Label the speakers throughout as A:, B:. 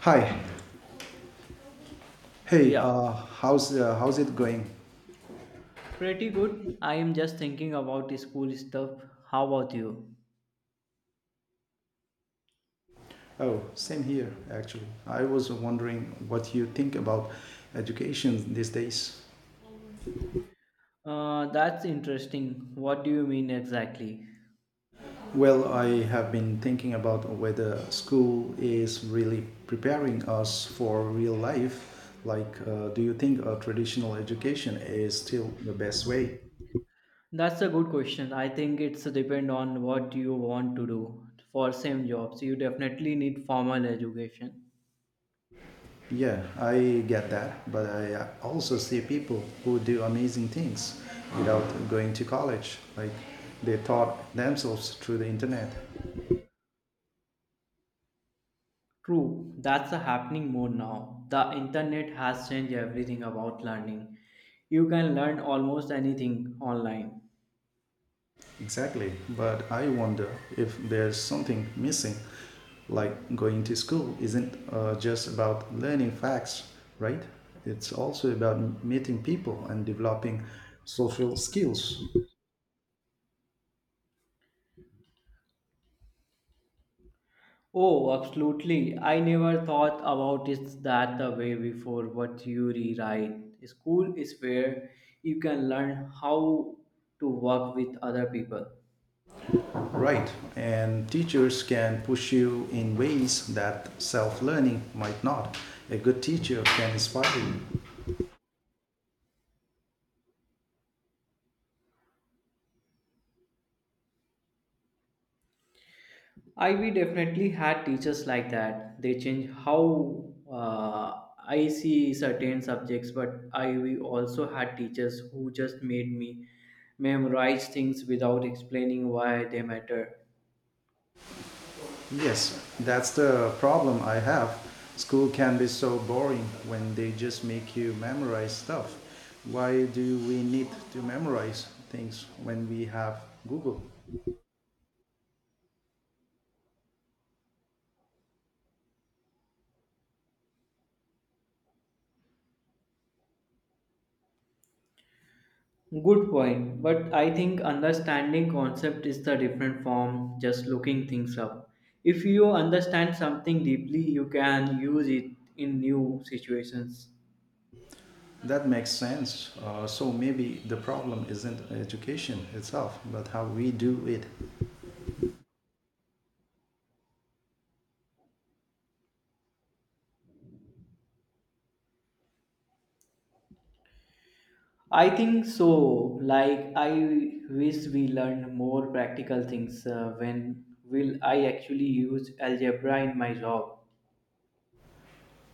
A: Hi. Hey,
B: Yeah,
A: how's it going?
B: pretty good. I am just thinking about school stuff. How about you?
A: Oh, same here, actually. I was wondering what you think about education these days.
B: That's interesting. What do you mean exactly?
A: Well, I have been thinking about whether school is really preparing us for real life. Like, do you think a traditional education is still the best way?
B: That's a good question. I think it's depend on what you want to do. For same jobs, you definitely need formal education.
A: Yeah, I get that, but I also see people who do amazing things without going to college. Like they taught themselves through the internet.
B: True, that's a happening more now. The internet has changed everything about learning. You can learn almost anything online.
A: Exactly, but I wonder if there's something missing. Like going to school isn't just about learning facts, right? It's also about meeting people and developing social skills.
B: Oh, absolutely. I never thought about it that the way before, but you rewrite. School is where you can learn how to work with other people.
A: Right, and teachers can push you in ways that self learning might not. A good teacher can inspire you.
B: I we definitely had teachers like that. They change how I see certain subjects, but I we also had teachers who just made me memorize things without explaining why they matter.
A: Yes, that's the problem I have. School can be so boring when they just make you memorize stuff. Why do we need to memorize things when we have Google?
B: Good point, but I think understanding concept is the different from just looking things up. If you understand something deeply, you can use it in new situations.
A: That makes sense. So maybe the problem isn't education itself, but how we do it.
B: I think so. Like I wish we learned more practical things when will I actually use algebra in my job.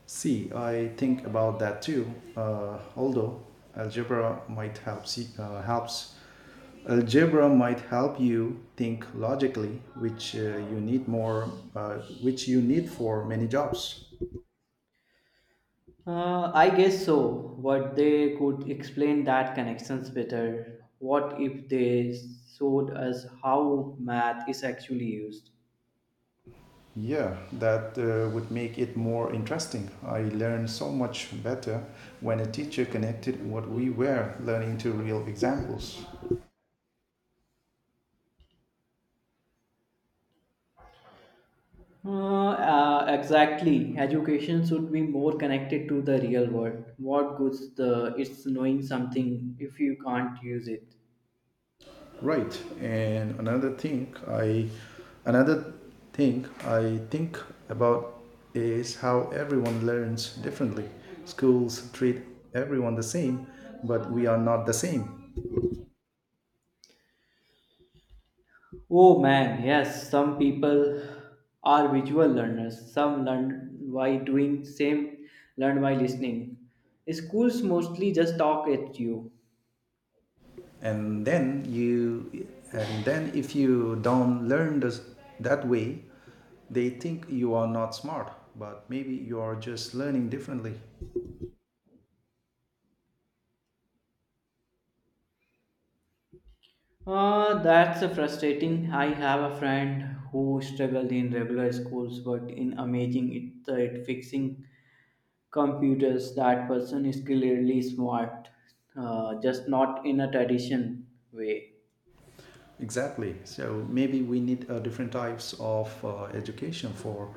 A: See, I think about that too. Although algebra might help see, helps algebra might help you think logically, uh, which you need for many jobs.
B: I guess so. But they could explain that connections better. What if they showed us how math is actually used?
A: Yeah, that would make it more interesting. I learned so much better when a teacher connected what we were learning to real examples.
B: Exactly. Education should be more connected to the real world. What good's the it's knowing something if you can't use it?
A: Right. And another thing I think about is how everyone learns differently. Schools treat everyone the same, but we are not the same.
B: Oh man, yes. Some people are visual learners. Some learn by doing. Same learn by listening. Schools mostly just talk at you.
A: And then if you don't learn this, that way, they think you are not smart, but maybe you are just learning differently.
B: That's frustrating. I have a friend who struggled in regular schools, but in amazing it, at fixing computers. That person is clearly smart, just not in a tradition way.
A: Exactly. So maybe we need different types of education for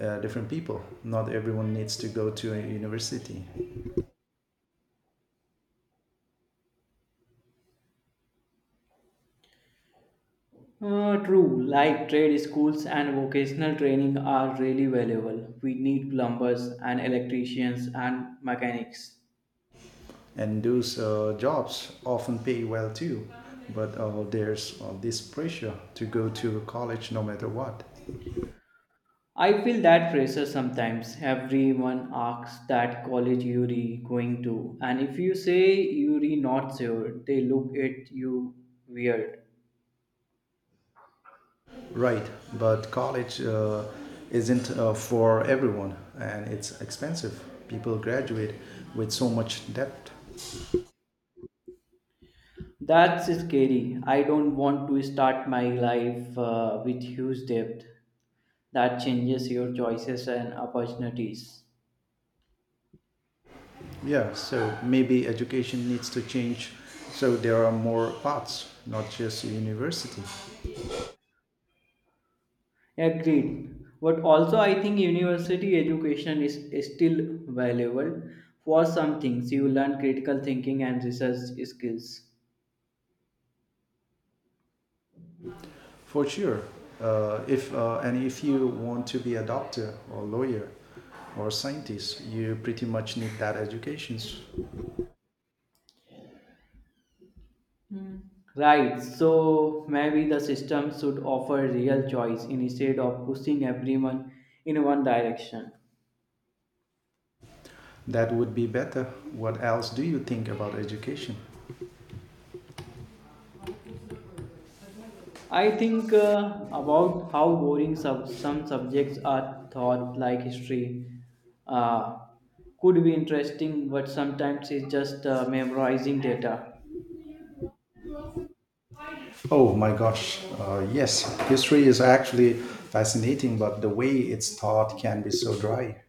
A: different people. Not everyone needs to go to a university,
B: True, like trade schools and vocational training are really valuable. We need plumbers and electricians and mechanics.
A: and those jobs often pay well too. But there's this pressure to go to college no matter what.
B: I feel that pressure sometimes. Everyone asks that college you're going to, and if you say you're not sure, they look at you weird.
A: Right, but college isn't for everyone, and it's expensive. People graduate with so much debt.
B: That's scary. I don't want to start my life with huge debt. That changes your choices and opportunities.
A: Yeah, so maybe education needs to change so there are more paths, not just university.
B: Agreed. But also, I think university education is still valuable for some things. You learn critical thinking and research skills.
A: For sure. If and if you want to be a doctor or lawyer or scientist, you pretty much need that education.
B: Hmm. Right, so maybe the system should offer real choice instead of pushing everyone in one direction.
A: That would be better. What else do you think about education?
B: I think about how boring some subjects are taught, like history, uh, could be interesting, but sometimes it's just memorizing data.
A: Oh my gosh, yes, history is actually fascinating, but the way it's taught can be so dry.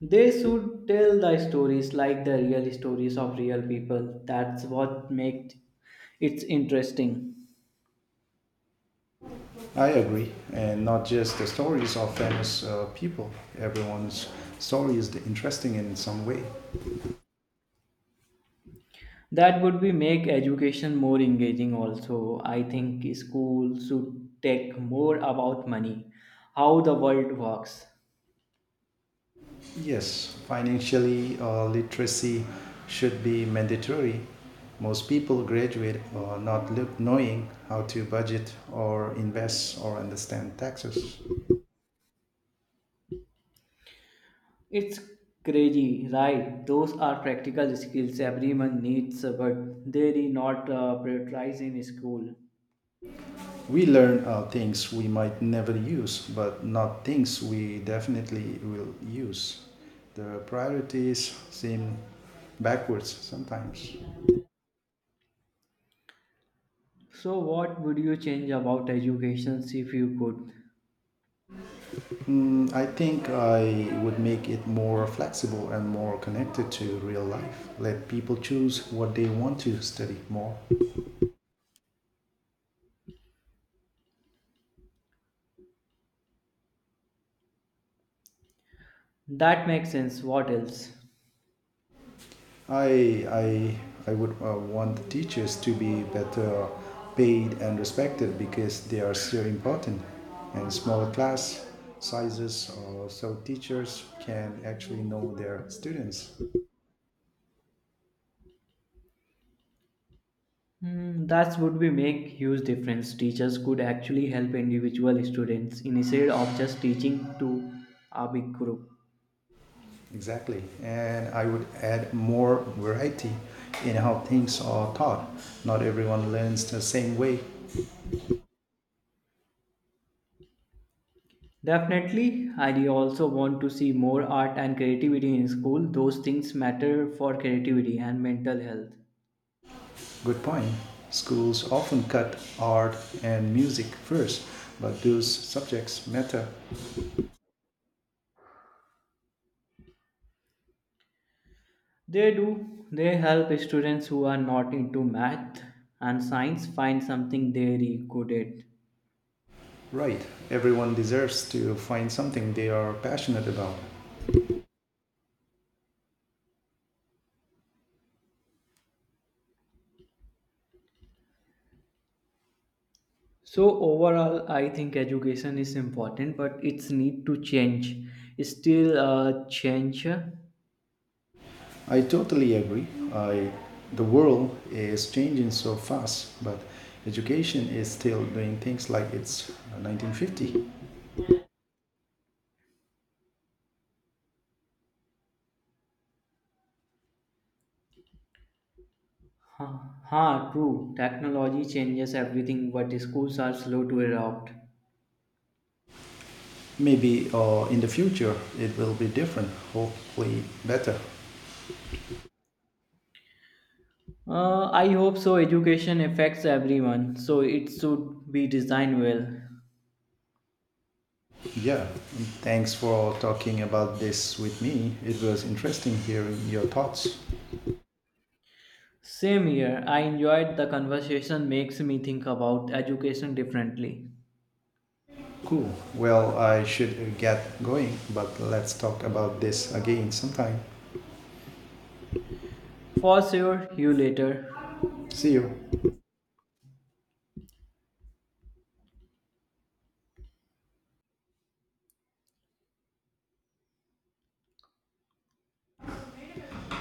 B: They should tell the stories like the real stories of real people. That's what makes it interesting.
A: I agree, and not just the stories of famous people. Everyone's story is interesting in some way.
B: That would be make education more engaging also. I think schools should take more about money, how the world works.
A: Yes, financially literacy should be mandatory. Most people graduate not knowing how to budget or invest or understand taxes.
B: It's crazy, right? Those are practical skills everyone needs, but they're not prioritized in school.
A: We learn things we might never use, but not things we definitely will use. The priorities seem backwards sometimes.
B: So what would you change about education if you could?
A: Mm, I think I would make it more flexible and more connected to real life. Let people choose what they want to study more.
B: That makes sense. What else?
A: I I I would want the teachers to be better paid and respected because they are so important. And smaller class sizes, so teachers can actually know their students.
B: Hmm, that would be make huge difference. Teachers could actually help individual students instead of just teaching to a big group.
A: Exactly, and I would add more variety in how things are taught. Not everyone learns the same way.
B: Definitely, I also want to see more art and creativity in school. Those things matter for creativity and mental health.
A: Good point. Schools often cut art and music first, but those subjects matter.
B: They do. They help students who are not into math and science find something they really good at.
A: Right, everyone deserves to find something they are passionate about.
B: So overall, I think education is important, but it's need to change. It's still a change.
A: I totally agree. I, the world is changing so fast, but education is still doing things like it's 1950.
B: Huh, huh, true. Technology changes everything, but schools are slow to adopt.
A: Maybe in the future it will be different, hopefully better.
B: I hope so. Education affects everyone, so it should be designed well.
A: Yeah, and thanks for talking about this with me. It was interesting hearing your thoughts.
B: Same here. I enjoyed the conversation. Makes me think about education differently.
A: Cool. Well, I should get going, but let's talk about this again sometime.
B: For sure. You later.
A: See you.